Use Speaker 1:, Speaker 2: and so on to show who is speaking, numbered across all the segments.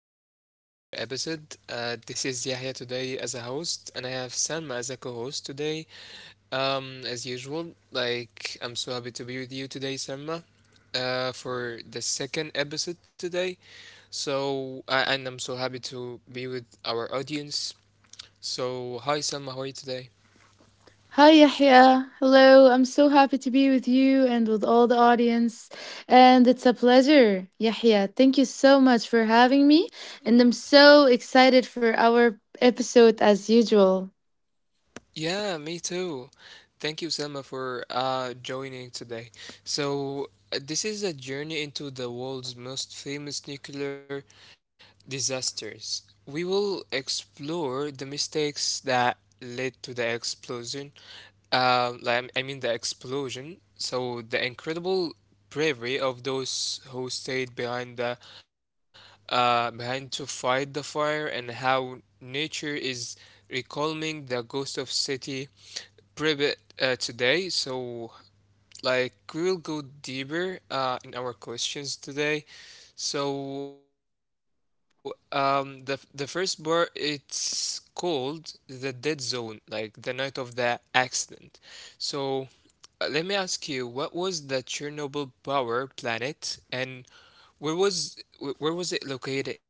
Speaker 1: welcome back to another episode. This is Yahya today as a host, and I have Salma as a co-host today. As usual, I'm so happy to be with you today, Salma, for the second episode today. So, I'm so happy to be with our audience. So, hi Salma, how are you today?
Speaker 2: Hi, Yahya. Hello. I'm so happy to be with you and with all the audience. And it's a pleasure, Yahya. Thank you so much for having me. And I'm so excited for our episode as usual.
Speaker 1: Yeah, me too. Thank you, Selma, for joining today. So, this is a journey into the world's most famous nuclear disasters. We will explore the mistakes that led to the explosion. The explosion. So the incredible bravery of those who stayed behind the behind to fight the fire, and how nature is recalling the ghost of city Private today. So we'll go deeper in our questions today, so the first bar, it's called the dead zone, like the night of the accident. So, let me ask you, what was the Chernobyl power planet, and where was where was it located exactly?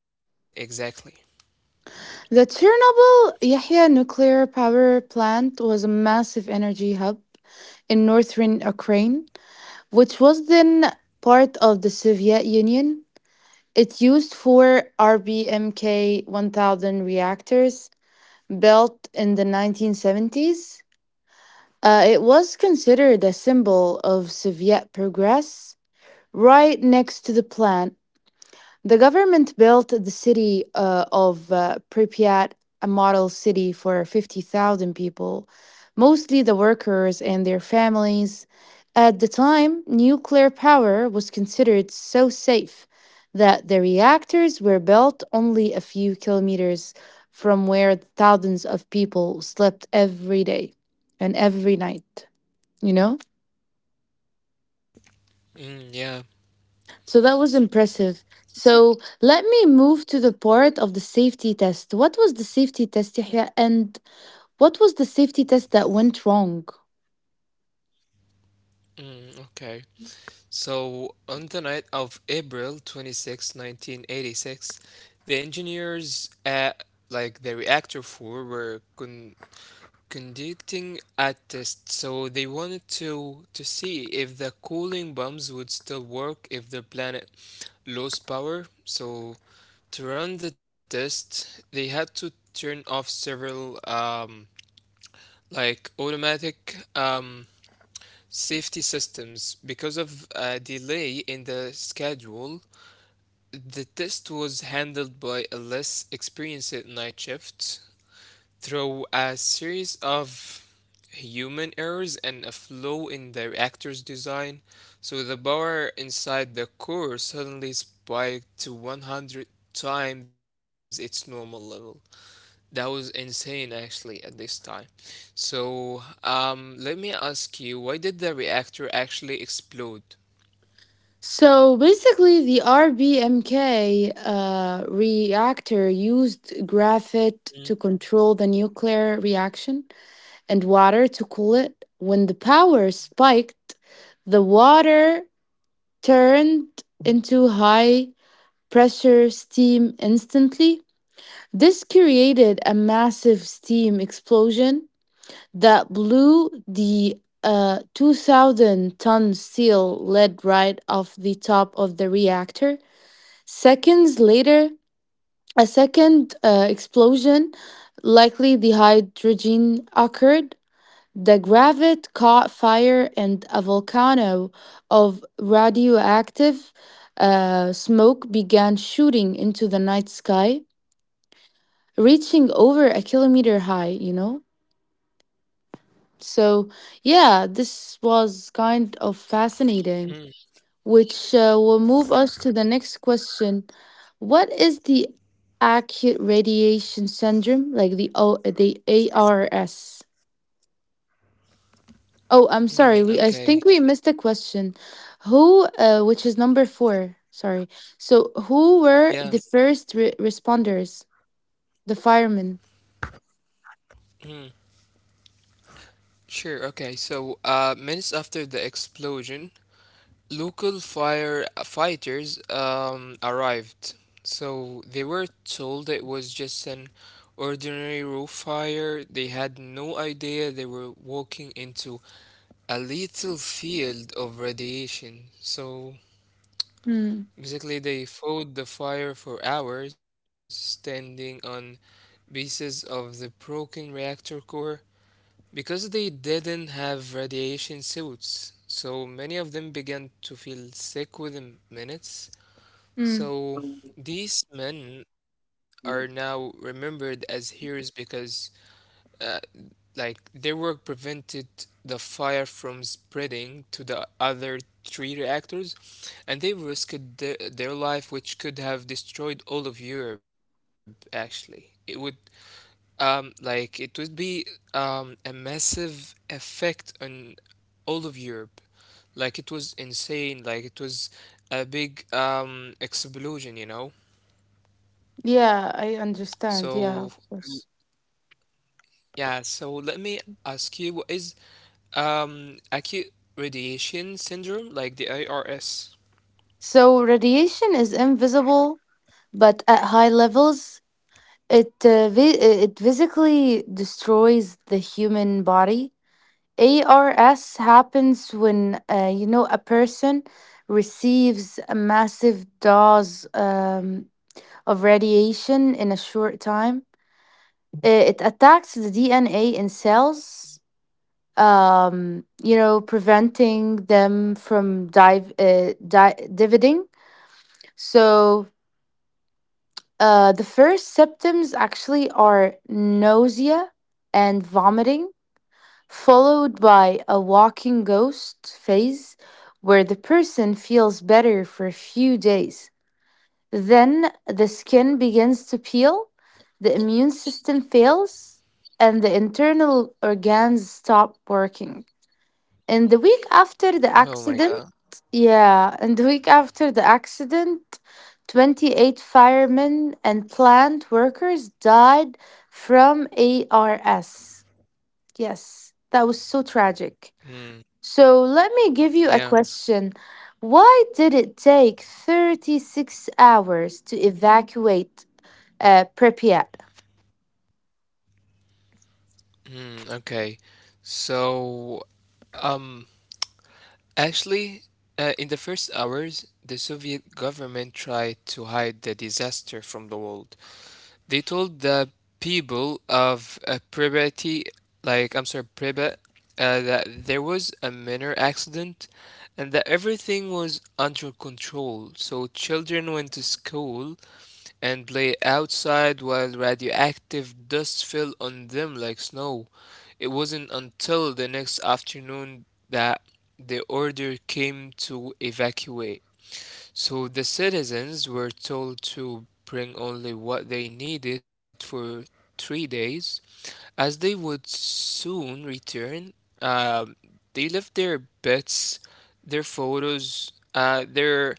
Speaker 2: The Chernobyl Yahya nuclear power plant was a massive energy hub in northern Ukraine, which was then part of the Soviet Union. It used four RBMK 1000 reactors built in the 1970s. It was considered a symbol of Soviet progress. Right next to the plant the government built the city of Pripyat, a model city for 50,000 people, mostly the workers and their families. At the time, nuclear power was considered so safe that the reactors were built only a few kilometers from where thousands of people slept every day and every night, you know?
Speaker 1: Mm, yeah.
Speaker 2: So that was impressive. So let me move to the part of the safety test. What was the safety test, Yahya, and what was the safety test that went wrong?
Speaker 1: Mm, okay. So on the night of April 26th, 1986, the engineers at the reactor four were conducting a test. So they wanted to see if the cooling bombs would still work if the planet lost power. So to run the test, they had to turn off several automatic um, safety systems because of a delay in the schedule. The test was handled by a less experienced night shift. Through a series of human errors and a flaw in the reactor's design, so the power inside the core suddenly spiked to 100 times its normal level. That was insane actually at this time. So, let me ask you, why did the reactor actually explode?
Speaker 2: So basically, the RBMK reactor used
Speaker 1: Mm,
Speaker 2: graphite to control the nuclear reaction and water to cool it. When the power spiked, the water turned into high pressure steam instantly. This created a massive steam explosion that blew the 2,000 ton steel lid right off the top of the reactor. Seconds later, a second explosion, likely the hydrogen, occurred. The gravet caught fire and a volcano of radioactive smoke began shooting into the night sky, reaching over a kilometer high, you know? So, yeah, this was kind of
Speaker 1: mm,
Speaker 2: fascinating, which will move us to the next question. What is the acute radiation syndrome, like the ARS? Oh, I'm sorry. We I
Speaker 1: okay.
Speaker 2: think we missed the question. Which is number four. Sorry. So, who were
Speaker 1: Yeah.
Speaker 2: the first responders? The firemen.
Speaker 1: Mm, sure. Okay. So, minutes after the explosion, local fire fighters arrived, so they were told it was just an ordinary roof fire. They had no idea they were walking into a lethal field of radiation. So
Speaker 2: Mm.
Speaker 1: basically, they fought the fire for hours, standing on pieces of the broken reactor core because they didn't have radiation suits. So many of them began to feel sick within minutes,
Speaker 2: Mm.
Speaker 1: so these men are now remembered as heroes because, uh, their work prevented the fire from spreading to the other three reactors, and they risked their life, which could have destroyed all of Europe, actually. It would, it would be a massive effect on all of Europe. Like, it was insane. Like, it was a big explosion.
Speaker 2: Yeah, I
Speaker 1: So,
Speaker 2: understand. Yeah, of course.
Speaker 1: yeah, so let me ask you, what is acute radiation syndrome, like the ARS?
Speaker 2: So, radiation is invisible, but at high levels, it uh, vi- it physically destroys the human body. ARS happens when a person receives a massive dose of radiation in a short time. It attacks the DNA in cells, preventing them from dividing. So the first symptoms actually are nausea and vomiting followed by a walking ghost phase where the person feels better for a few days. Then the skin begins to peel, the immune system fails, and the internal organs stop working. And the week after the
Speaker 1: Oh my God.
Speaker 2: accident, Yeah, and the week after the accident, 28 firemen and plant workers died from ARS. Yes, that was so tragic.
Speaker 1: Mm,
Speaker 2: So let me give you a
Speaker 1: yeah.
Speaker 2: question. Why did it take 36 hours to evacuate Pripyat?
Speaker 1: Mm, okay. So, um, actually, in the first hours, the Soviet government tried to hide the disaster from the world. They told the people of Pripyat, like I'm sorry, Pripyat, that there was a minor accident and that everything was under control. So children went to school and played outside while radioactive dust fell on them like snow. It wasn't until the next afternoon that the order came to evacuate. So the citizens were told to bring only what they needed for 3 days, as they would soon return. um, they left their bets, their photos, uh, their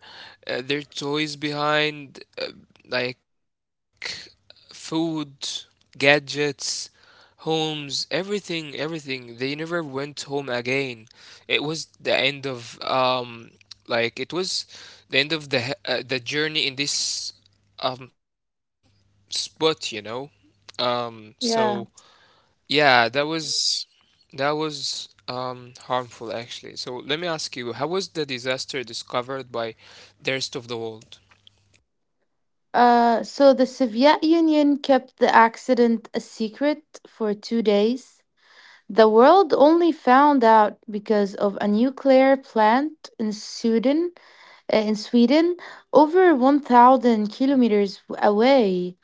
Speaker 1: their toys behind, like food, gadgets, homes, everything, everything. They never went home again. It was the end of it was the end of the journey in this um spot. Um, so
Speaker 2: Yeah.
Speaker 1: yeah, that was, that was harmful actually. So let me ask you, how was the disaster discovered by the rest of the world?
Speaker 2: So the Soviet Union kept the accident a secret for 2 days. The world only found out because of a nuclear plant in Sweden, over 1,000 kilometers away.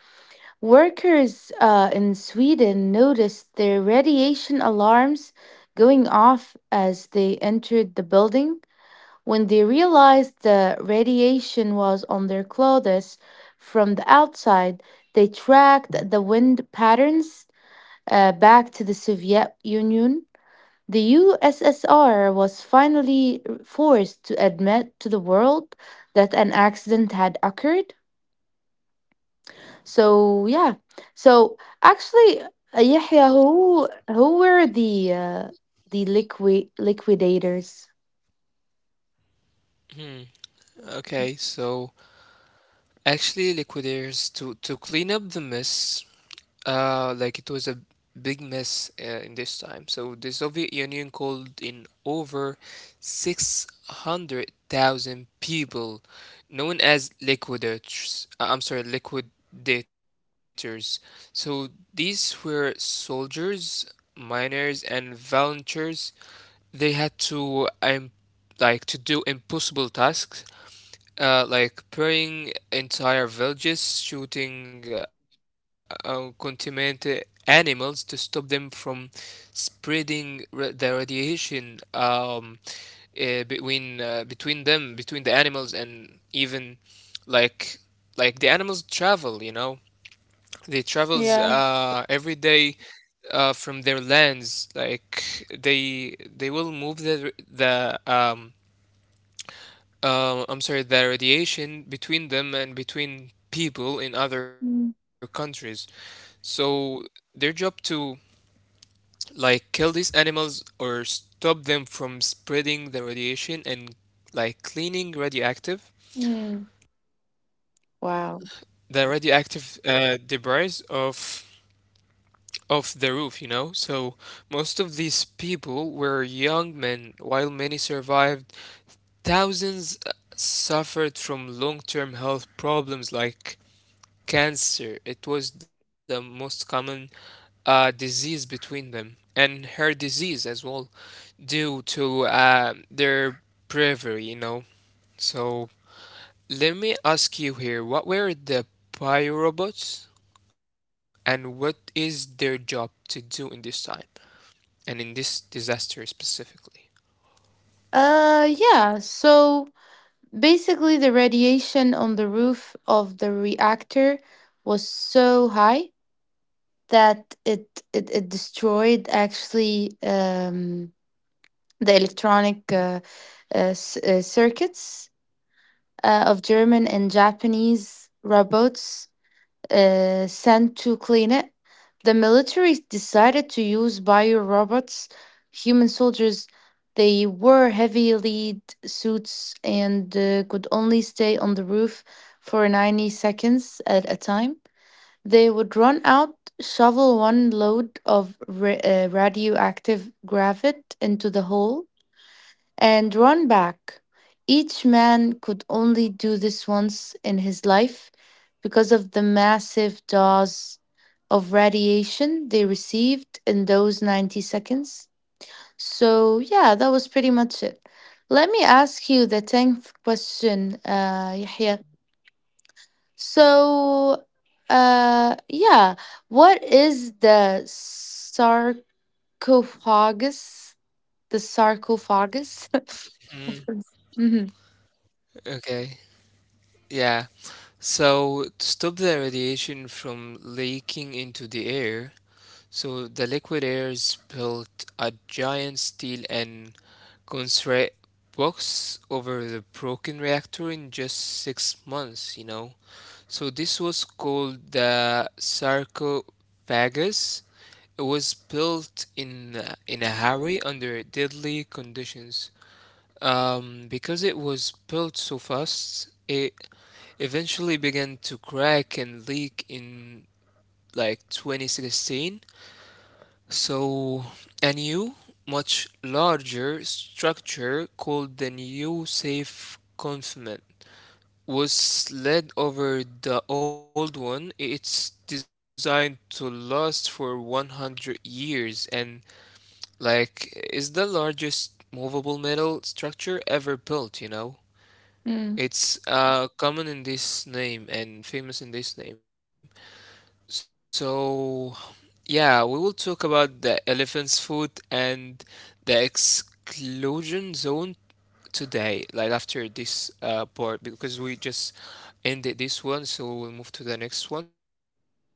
Speaker 2: Workers in Sweden noticed their radiation alarms going off as they entered the building. When they realized the radiation was on their clothes from the outside, they tracked the wind patterns back to the Soviet Union. The USSR was finally forced to admit to the world that an accident had occurred. So yeah. So actually, Yahya, who were the liquidators?
Speaker 1: Hmm. Okay, so actually liquidators to clean up the mess. Like it was a big mess in this time. So the Soviet Union called in over 600,000 people known as liquidators. So these were soldiers, miners, and volunteers. They had to to do impossible tasks like burning entire villages, shooting contaminated animals to stop them from the radiation between them, between the animals, and even like the animals travel. You know, they travels
Speaker 2: Yeah.
Speaker 1: every day from their lands. Like they will move the radiation between them and between people in other
Speaker 2: Mm.
Speaker 1: countries. So their job to kill these animals or stop them from spreading the radiation and like cleaning radioactive the radioactive debris of the roof. So most of these people were young men, while many survived. Thousands suffered from long-term health problems like cancer. It was the most common disease between them, and her disease as well, due to their bravery. So let me ask you here: what were the pyrobots, and what is their job to do in this time, and in this disaster specifically?
Speaker 2: Yeah, so basically the radiation on the roof of the reactor was so high that it destroyed actually the electronic circuits of German and Japanese robots sent to clean it. The military decided to use bio robots, human soldiers. They wore heavy lead suits and could only stay on the roof for 90 seconds at a time. They would run out, shovel one load of radioactive gravel into the hole, and run back. Each man could only do this once in his life because of the massive dose of radiation they received in those 90 seconds. So, yeah, that was pretty much it. Let me ask you the 10th question, Yahya. So, yeah, what is the sarcophagus? The sarcophagus?
Speaker 1: Mm,
Speaker 2: Mhm.
Speaker 1: okay. Yeah. So to stop the radiation from leaking into the air, so the liquidators built a giant steel and concrete box over the broken reactor in just six months. So this was called the sarcophagus. It was built in a hurry under deadly conditions. Because it was built so fast, it eventually began to crack and leak in 2016. So a new, much larger structure called the new safe confinement was slid over the old one. It's designed to last for 100 years and, is the largest movable metal structure ever built, you know?
Speaker 2: Mm,
Speaker 1: It's common in this name and famous in this name. So, yeah, we will talk about the elephant's foot and the exclusion zone today, like after this part, because we just ended this one, so we'll move to the next one.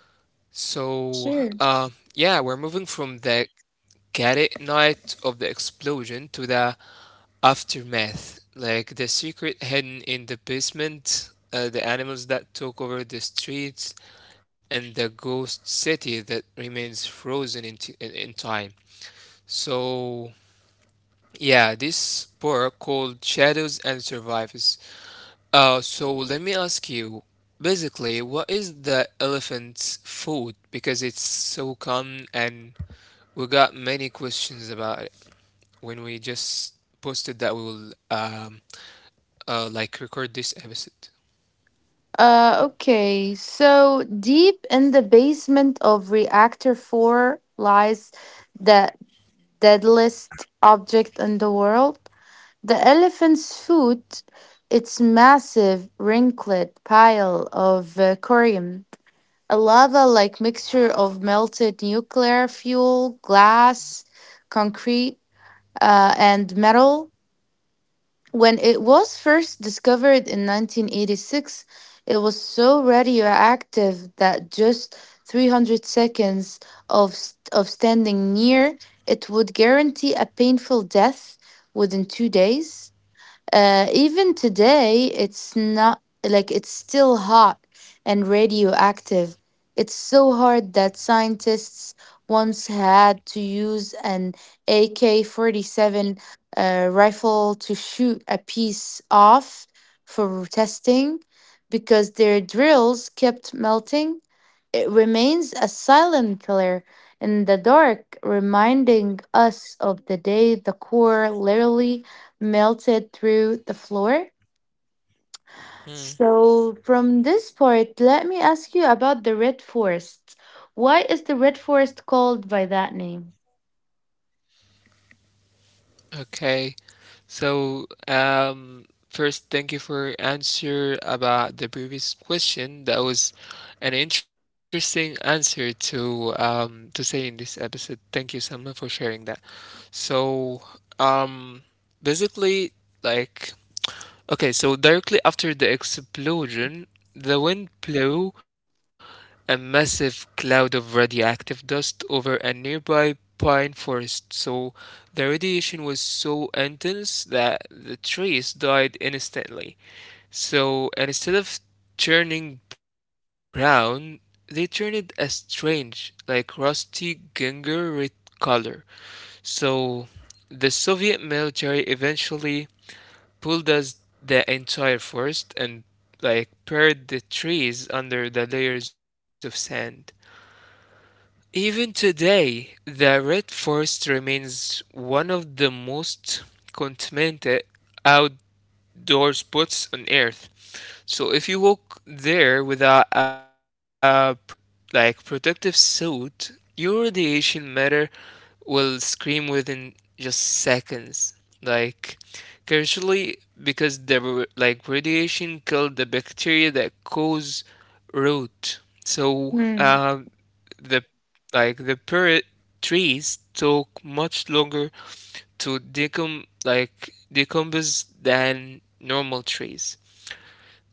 Speaker 1: So,
Speaker 2: sure.
Speaker 1: yeah, we're moving from the chaotic night of the explosion to the aftermath, like the secret hidden in the basement, the animals that took over the streets and the ghost city that remains frozen in time. So, yeah, this book called Shadows and Survivors. So, let me ask you basically, what is the elephant's food? Because it's so common, and we got many questions about it when we just posted that we will record this episode.
Speaker 2: Okay. So deep in the basement of reactor 4 lies the deadliest object in the world, the elephant's foot, its massive wrinkled pile of corium, a lava-like mixture of melted nuclear fuel, glass, concrete, and metal. When it was first discovered in 1986, it was so radioactive that just 300 seconds of standing near it would guarantee a painful death within 2 days. Even today, it's not like it's still hot and radioactive. It's so hard that scientists once had to use an AK 47 rifle to shoot a piece off for testing because their drills kept melting. It remains a silent killer in the dark, reminding us of the day the core literally melted through the floor.
Speaker 1: Hmm.
Speaker 2: So, from this part, let me ask you about the Red Forest. Why is the Red Forest called by that name?
Speaker 1: Okay. So, first, thank you for answer about the previous question. That was an interesting answer to say in this episode. Thank you, Selma, for sharing that. So, um, basically, like okay, so directly after the explosion, the wind blew a massive cloud of radioactive dust over a nearby pine forest. So the radiation was so intense that the trees died instantly. So instead of turning brown, they turned a strange, like rusty ginger red color. So the Soviet military eventually pulled us the entire forest and buried the trees under the layers of sand. Even today, the Red Forest remains one of the most contaminated out doors puts on Earth. So if you walk there without a pro- like protective suit, your radiation matter will scream within just seconds. Like casually, because the r- like radiation killed the bacteria that cause root. So
Speaker 2: Hmm.
Speaker 1: the the parrot trees took much longer to decompose than normal trees.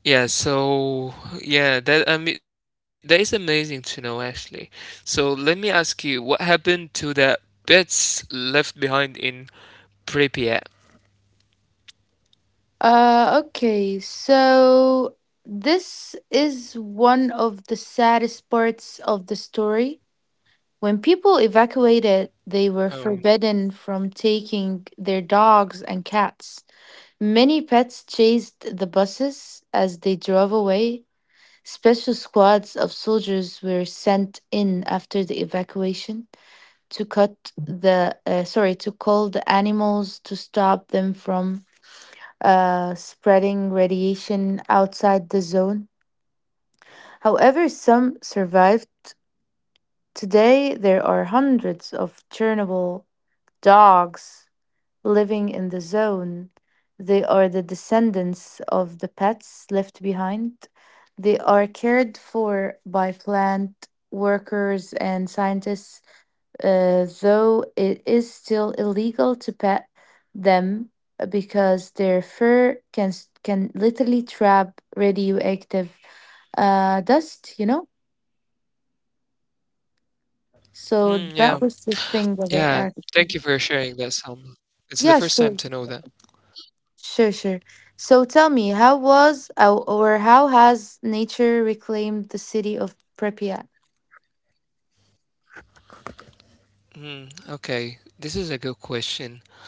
Speaker 1: Yeah, so yeah, that I mean that is amazing to know actually. So let me ask you, what happened to the bits left behind in Pripyat?
Speaker 2: Okay, so this is one of the saddest parts of the story. When people evacuated, they were
Speaker 1: Um,
Speaker 2: forbidden from taking their dogs and cats. Many pets chased the buses as they drove away. Special squads of soldiers were sent in after the evacuation to cut the sorry to cull the animals to stop them from spreading radiation outside the zone. However, some survived. Today, there are hundreds of Chernobyl dogs living in the zone. They are the descendants of the pets left behind. They are cared for by plant workers and scientists, though it is still illegal to pet them because their fur can literally trap radioactive dust, you know? So
Speaker 1: yeah,
Speaker 2: that was the thing
Speaker 1: yeah.
Speaker 2: of it,
Speaker 1: Thank you for
Speaker 2: actually.
Speaker 1: sharing that, Sam. It's the
Speaker 2: Yeah,
Speaker 1: first time to
Speaker 2: sure.
Speaker 1: know that.
Speaker 2: Sure, sure. So tell me, how was ou- or how has nature reclaimed the city of Pripyat?
Speaker 1: Hmm, okay, this is a good question.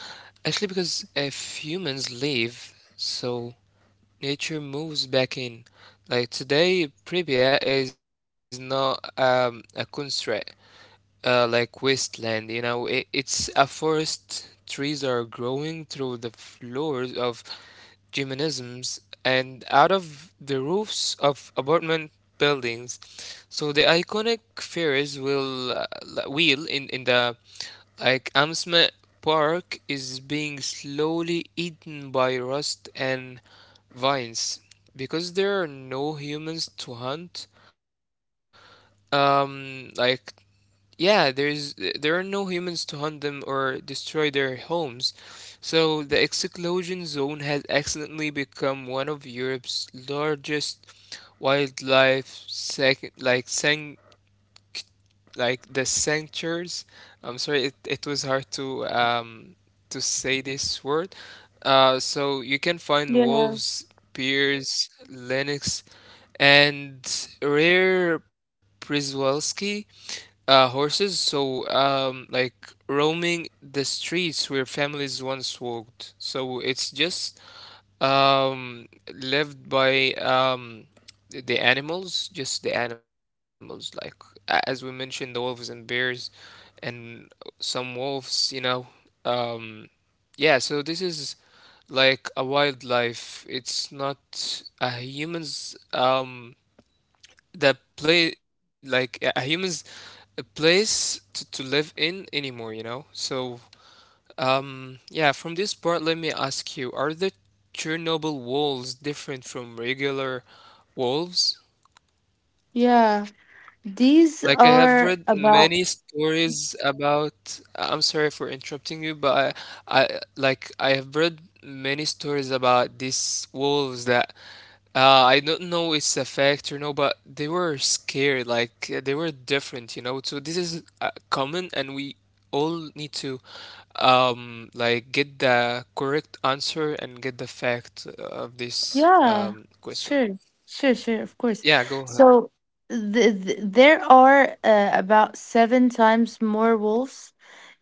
Speaker 1: Actually, because if humans leave, so nature moves back in. Like today, Pripyat is not a constraint, wasteland. You know, it's a forest. Trees are growing through the floors of gymnasiums and out of the roofs of apartment buildings. So the iconic Ferris wheel, in the Amsmet Park is being slowly eaten by rust and vines because there are no humans to hunt. Um, like yeah, there are no humans to hunt them or destroy their homes. So the exclusion zone has accidentally become one of Europe's largest wildlife sec- like san like the sanctuaries. I'm sorry, it was hard to say this word. So you can find
Speaker 2: Yeah,
Speaker 1: wolves, bears, lynx, and rare Przewalski horses, so roaming the streets where families once walked. So it's just um, lived by the animals, just the animals, like as we mentioned, the wolves and bears, and some wolves, you know. Um, yeah, so this is like a wildlife. It's not a human's the play like a human's a place to live in anymore yeah, from this part, let me ask you, are the chernobyl walls different from regular walls?
Speaker 2: yeah. These
Speaker 1: Like I have
Speaker 2: are
Speaker 1: read
Speaker 2: a
Speaker 1: many stories about, I'm sorry for interrupting you, but I like I have read many stories about these wolves that I don't know it's a fact or no, but they were scared, like they were different, you know. So this is common, and we all need to get the correct answer and get the fact of this
Speaker 2: Yeah.
Speaker 1: question.
Speaker 2: Sure, sure, sure. Of course.
Speaker 1: Yeah, go ahead.
Speaker 2: So there are about seven times more wolves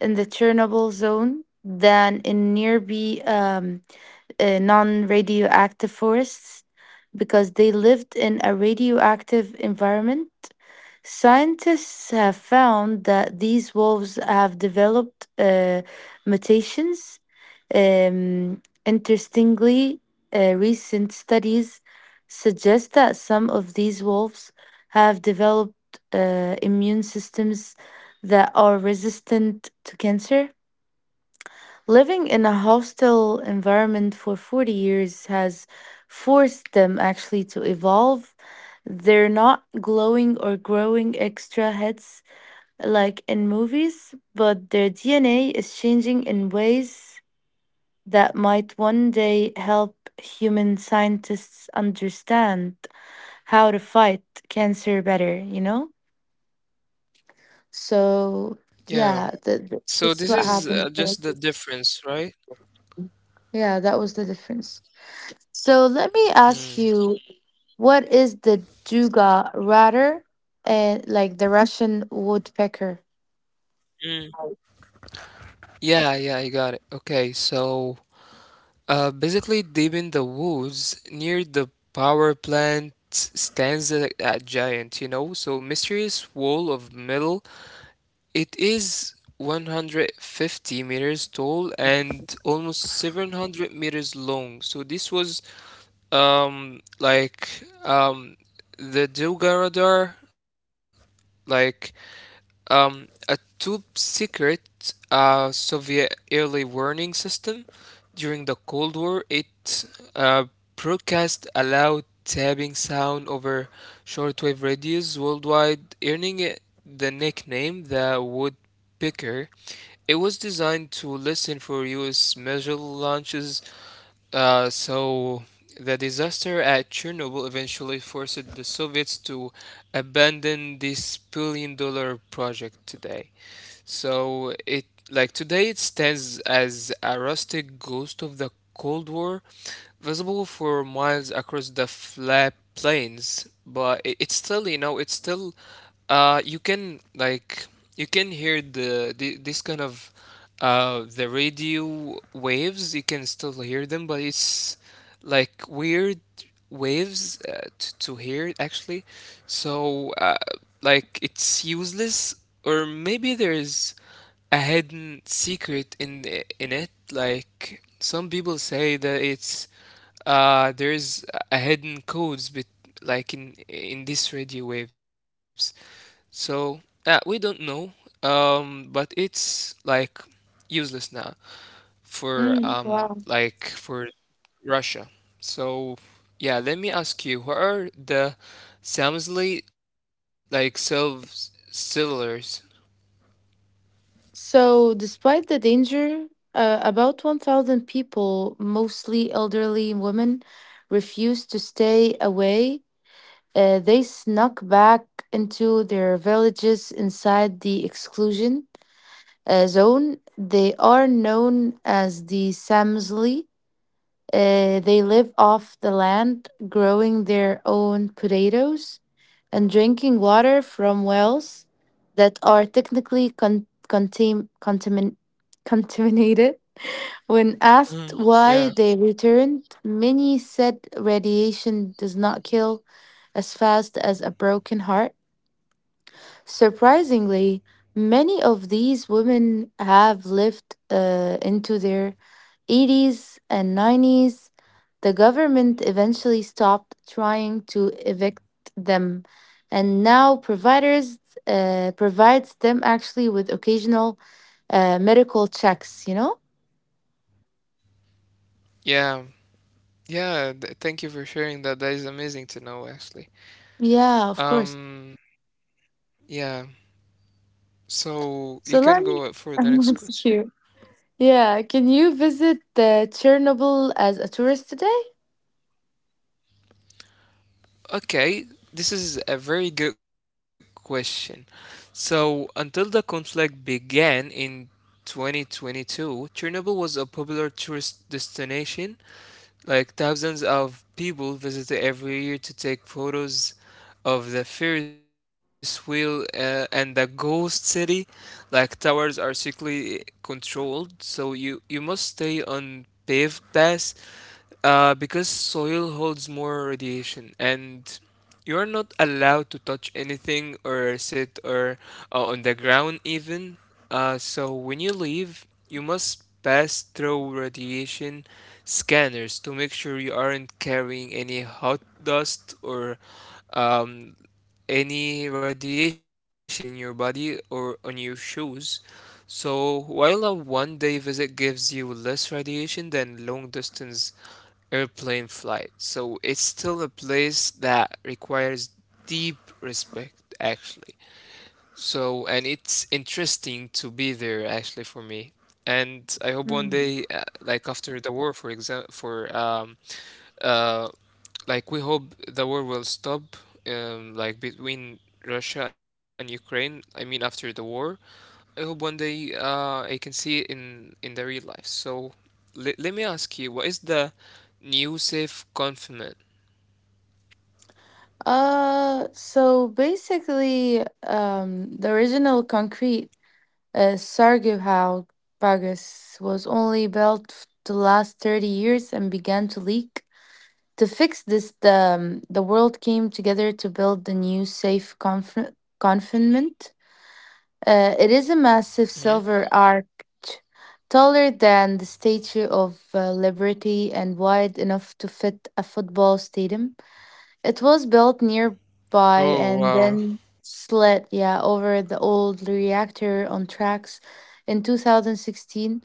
Speaker 2: in the Chernobyl zone than in nearby non radioactive forests because they lived in a radioactive environment. Scientists have found that these wolves have developed mutations. Interestingly, recent studies suggest that some of these wolves have developed immune systems that are resistant to cancer. Living in a hostile environment for 40 years has forced them actually to evolve. They're not glowing or growing extra heads like in movies, but their DNA is changing in ways that might one day help human scientists understand how to fight cancer better, you know? So,
Speaker 1: Yeah.
Speaker 2: yeah,
Speaker 1: So
Speaker 2: that's
Speaker 1: this
Speaker 2: what
Speaker 1: is
Speaker 2: happened.
Speaker 1: just the difference, right?
Speaker 2: Yeah, that was the difference. So let me ask
Speaker 1: Hmm.
Speaker 2: you, what is the duga ratter and like the Russian woodpecker?
Speaker 1: Mm. Yeah, yeah, I got it. Okay, so basically, deep in the woods near the power plant stands a giant, you know, so mysterious wall of metal. It is 150 meters tall and almost 700 meters long. So this was um like um the Doga radar, like a top secret Soviet early warning system during the Cold War. It uh, broadcast a loud tapping sound over shortwave radios worldwide, earning it the nickname the Woodpecker. It was designed to listen for U.S. missile launches, so the disaster at Chernobyl eventually forced the Soviets to abandon this billion dollar project today. So it, like, today it stands as a rustic ghost of the Cold War, visible for miles across the flat plains. But it's still, you know, it's still uh you can like you can hear the this kind of the radio waves, you can still hear them, but it's like weird waves to hear actually. So like it's useless, or maybe there is a hidden secret in it. Like some people say that it's there is a hidden codes, but like in these radio waves. So we don't know, but it's like useless now
Speaker 2: Mm, wow.
Speaker 1: for Russia. So yeah, let me ask you, what are the Samsley, like self sellers?
Speaker 2: So, despite the danger, about 1,000 people, mostly elderly women, refused to stay away. They snuck back into their villages inside the exclusion zone. They are known as the Samzli. They live off the land, growing their own potatoes and drinking water from wells that are technically contaminated. When asked
Speaker 1: Mhm.
Speaker 2: why
Speaker 1: Yeah.
Speaker 2: they returned, many said radiation does not kill as fast as a broken heart. Surprisingly, many of these women have lived into their 80s and 90s. The government eventually stopped trying to evict them, and now providers provides them actually with occasional medical checks. You know?
Speaker 1: Yeah. Yeah, thank you for sharing that. That is amazing to know actually.
Speaker 2: Yeah, of course.
Speaker 1: Um yeah. So you
Speaker 2: So
Speaker 1: can
Speaker 2: let me.
Speaker 1: go for the next
Speaker 2: That's
Speaker 1: question.
Speaker 2: cute. Yeah, can you visit Chernobyl as a tourist today?
Speaker 1: Okay, this is a very good question. So, until the conflict began in 2022, Chernobyl was a popular tourist destination. Like thousands of people visit every year to take photos of the Ferris wheel, and the ghost city. Like towers are strictly controlled, so you must stay on paved paths, because soil holds more radiation and you're not allowed to touch anything or sit or, on the ground even. So when you leave, you must pass through radiation scanners to make sure you aren't carrying any hot dust or um, any radiation in your body or on your shoes. So, while a one day visit gives you less radiation than long distance airplane flight. So it's still a place that requires deep respect, actually. So, and it's interesting to be there, actually, for me. And I hope one
Speaker 2: Mm.
Speaker 1: day, like after the war, for example, for uh, like we hope the war will stop, like between Russia and Ukraine. I mean, after the war, I hope one day, I can see it in the real life. So, let me ask you, what is the Yusuf Konfirmat?
Speaker 2: So basically, the original concrete sarcophagus was only built to last 30 years and began to leak. To fix this, the world came together to build the new safe confinement. It is a massive
Speaker 1: Hmm.
Speaker 2: silver arch, taller than the Statue of Liberty and wide enough to fit a football stadium. It was built nearby
Speaker 1: Oh
Speaker 2: and
Speaker 1: wow.
Speaker 2: then slid, yeah, over the old reactor on tracks in 2016.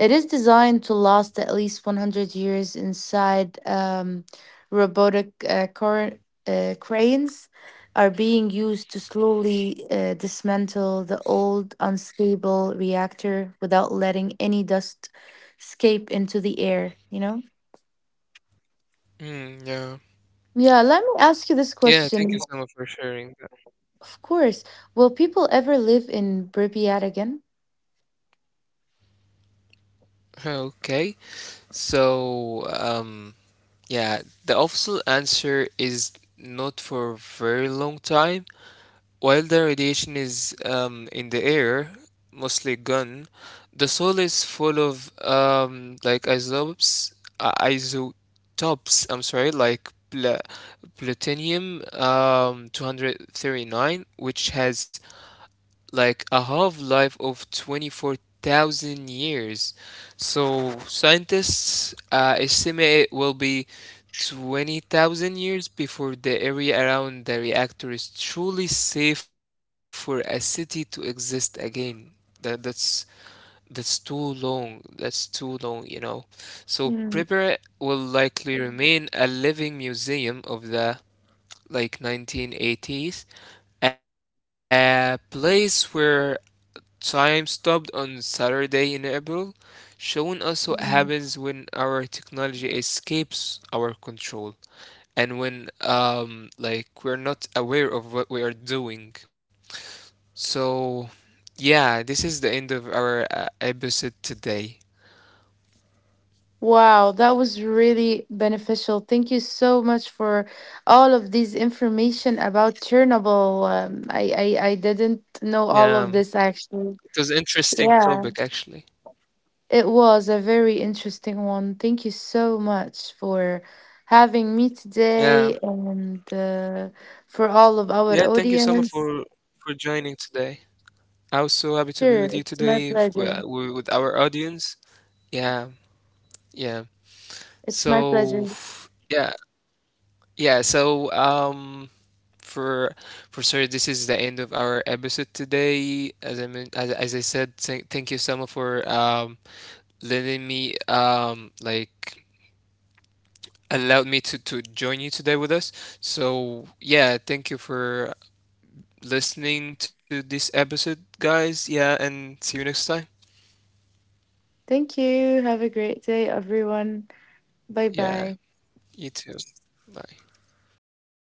Speaker 2: It is designed to last at least 100 years. Inside, robotic cranes are being used to slowly dismantle the old unstable reactor without letting any dust escape into the air, you know?
Speaker 1: Mm, yeah.
Speaker 2: Yeah, let me ask you this
Speaker 1: Yeah, thank
Speaker 2: question.
Speaker 1: you so much for sharing that.
Speaker 2: Of course. Will people ever live in Pripyat again?
Speaker 1: Okay, so yeah, the official answer is not for a very long time. While the radiation is, in the air, mostly gone, the soil is full of like isotopes, I'm sorry, like plutonium 239, which has like a half life of 24,000 years. So scientists estimate it will be 20,000 years before the area around the reactor is truly safe for a city to exist again. That, that's that's too long. That's too long, you know. So Pripyat will likely remain a living museum of the, like, 1980s, a place where time stopped on Saturday in April, showing us what happens when our technology escapes our control and when we're not aware of what we are doing. So, yeah, this is the end of our episode today.
Speaker 2: Wow, that was really beneficial. Thank you so much for all of these information about Chernobyl. I didn't know all of
Speaker 1: Yeah,
Speaker 2: this actually.
Speaker 1: it was interesting
Speaker 2: Yeah,
Speaker 1: topic actually.
Speaker 2: it was a very interesting one. Thank you so much for having me today
Speaker 1: Yeah.
Speaker 2: and for all of our
Speaker 1: Yeah, thank you so much
Speaker 2: audience.
Speaker 1: for joining today. I was so happy to be
Speaker 2: Sure,
Speaker 1: with you
Speaker 2: it's my
Speaker 1: today
Speaker 2: pleasure.
Speaker 1: with our audience. Yeah. Yeah.
Speaker 2: It's my
Speaker 1: So
Speaker 2: pleasure.
Speaker 1: yeah, yeah. So for for sure, this is the end of our episode today. As I mean, as I said, thank you, Selma, for letting me allowed me to join you today with us. So yeah, thank you for listening to this episode, guys. Yeah, and see you next time.
Speaker 2: Thank you. Have a great day, everyone. Bye bye.
Speaker 1: Yeah, you too. Bye.
Speaker 2: Bye.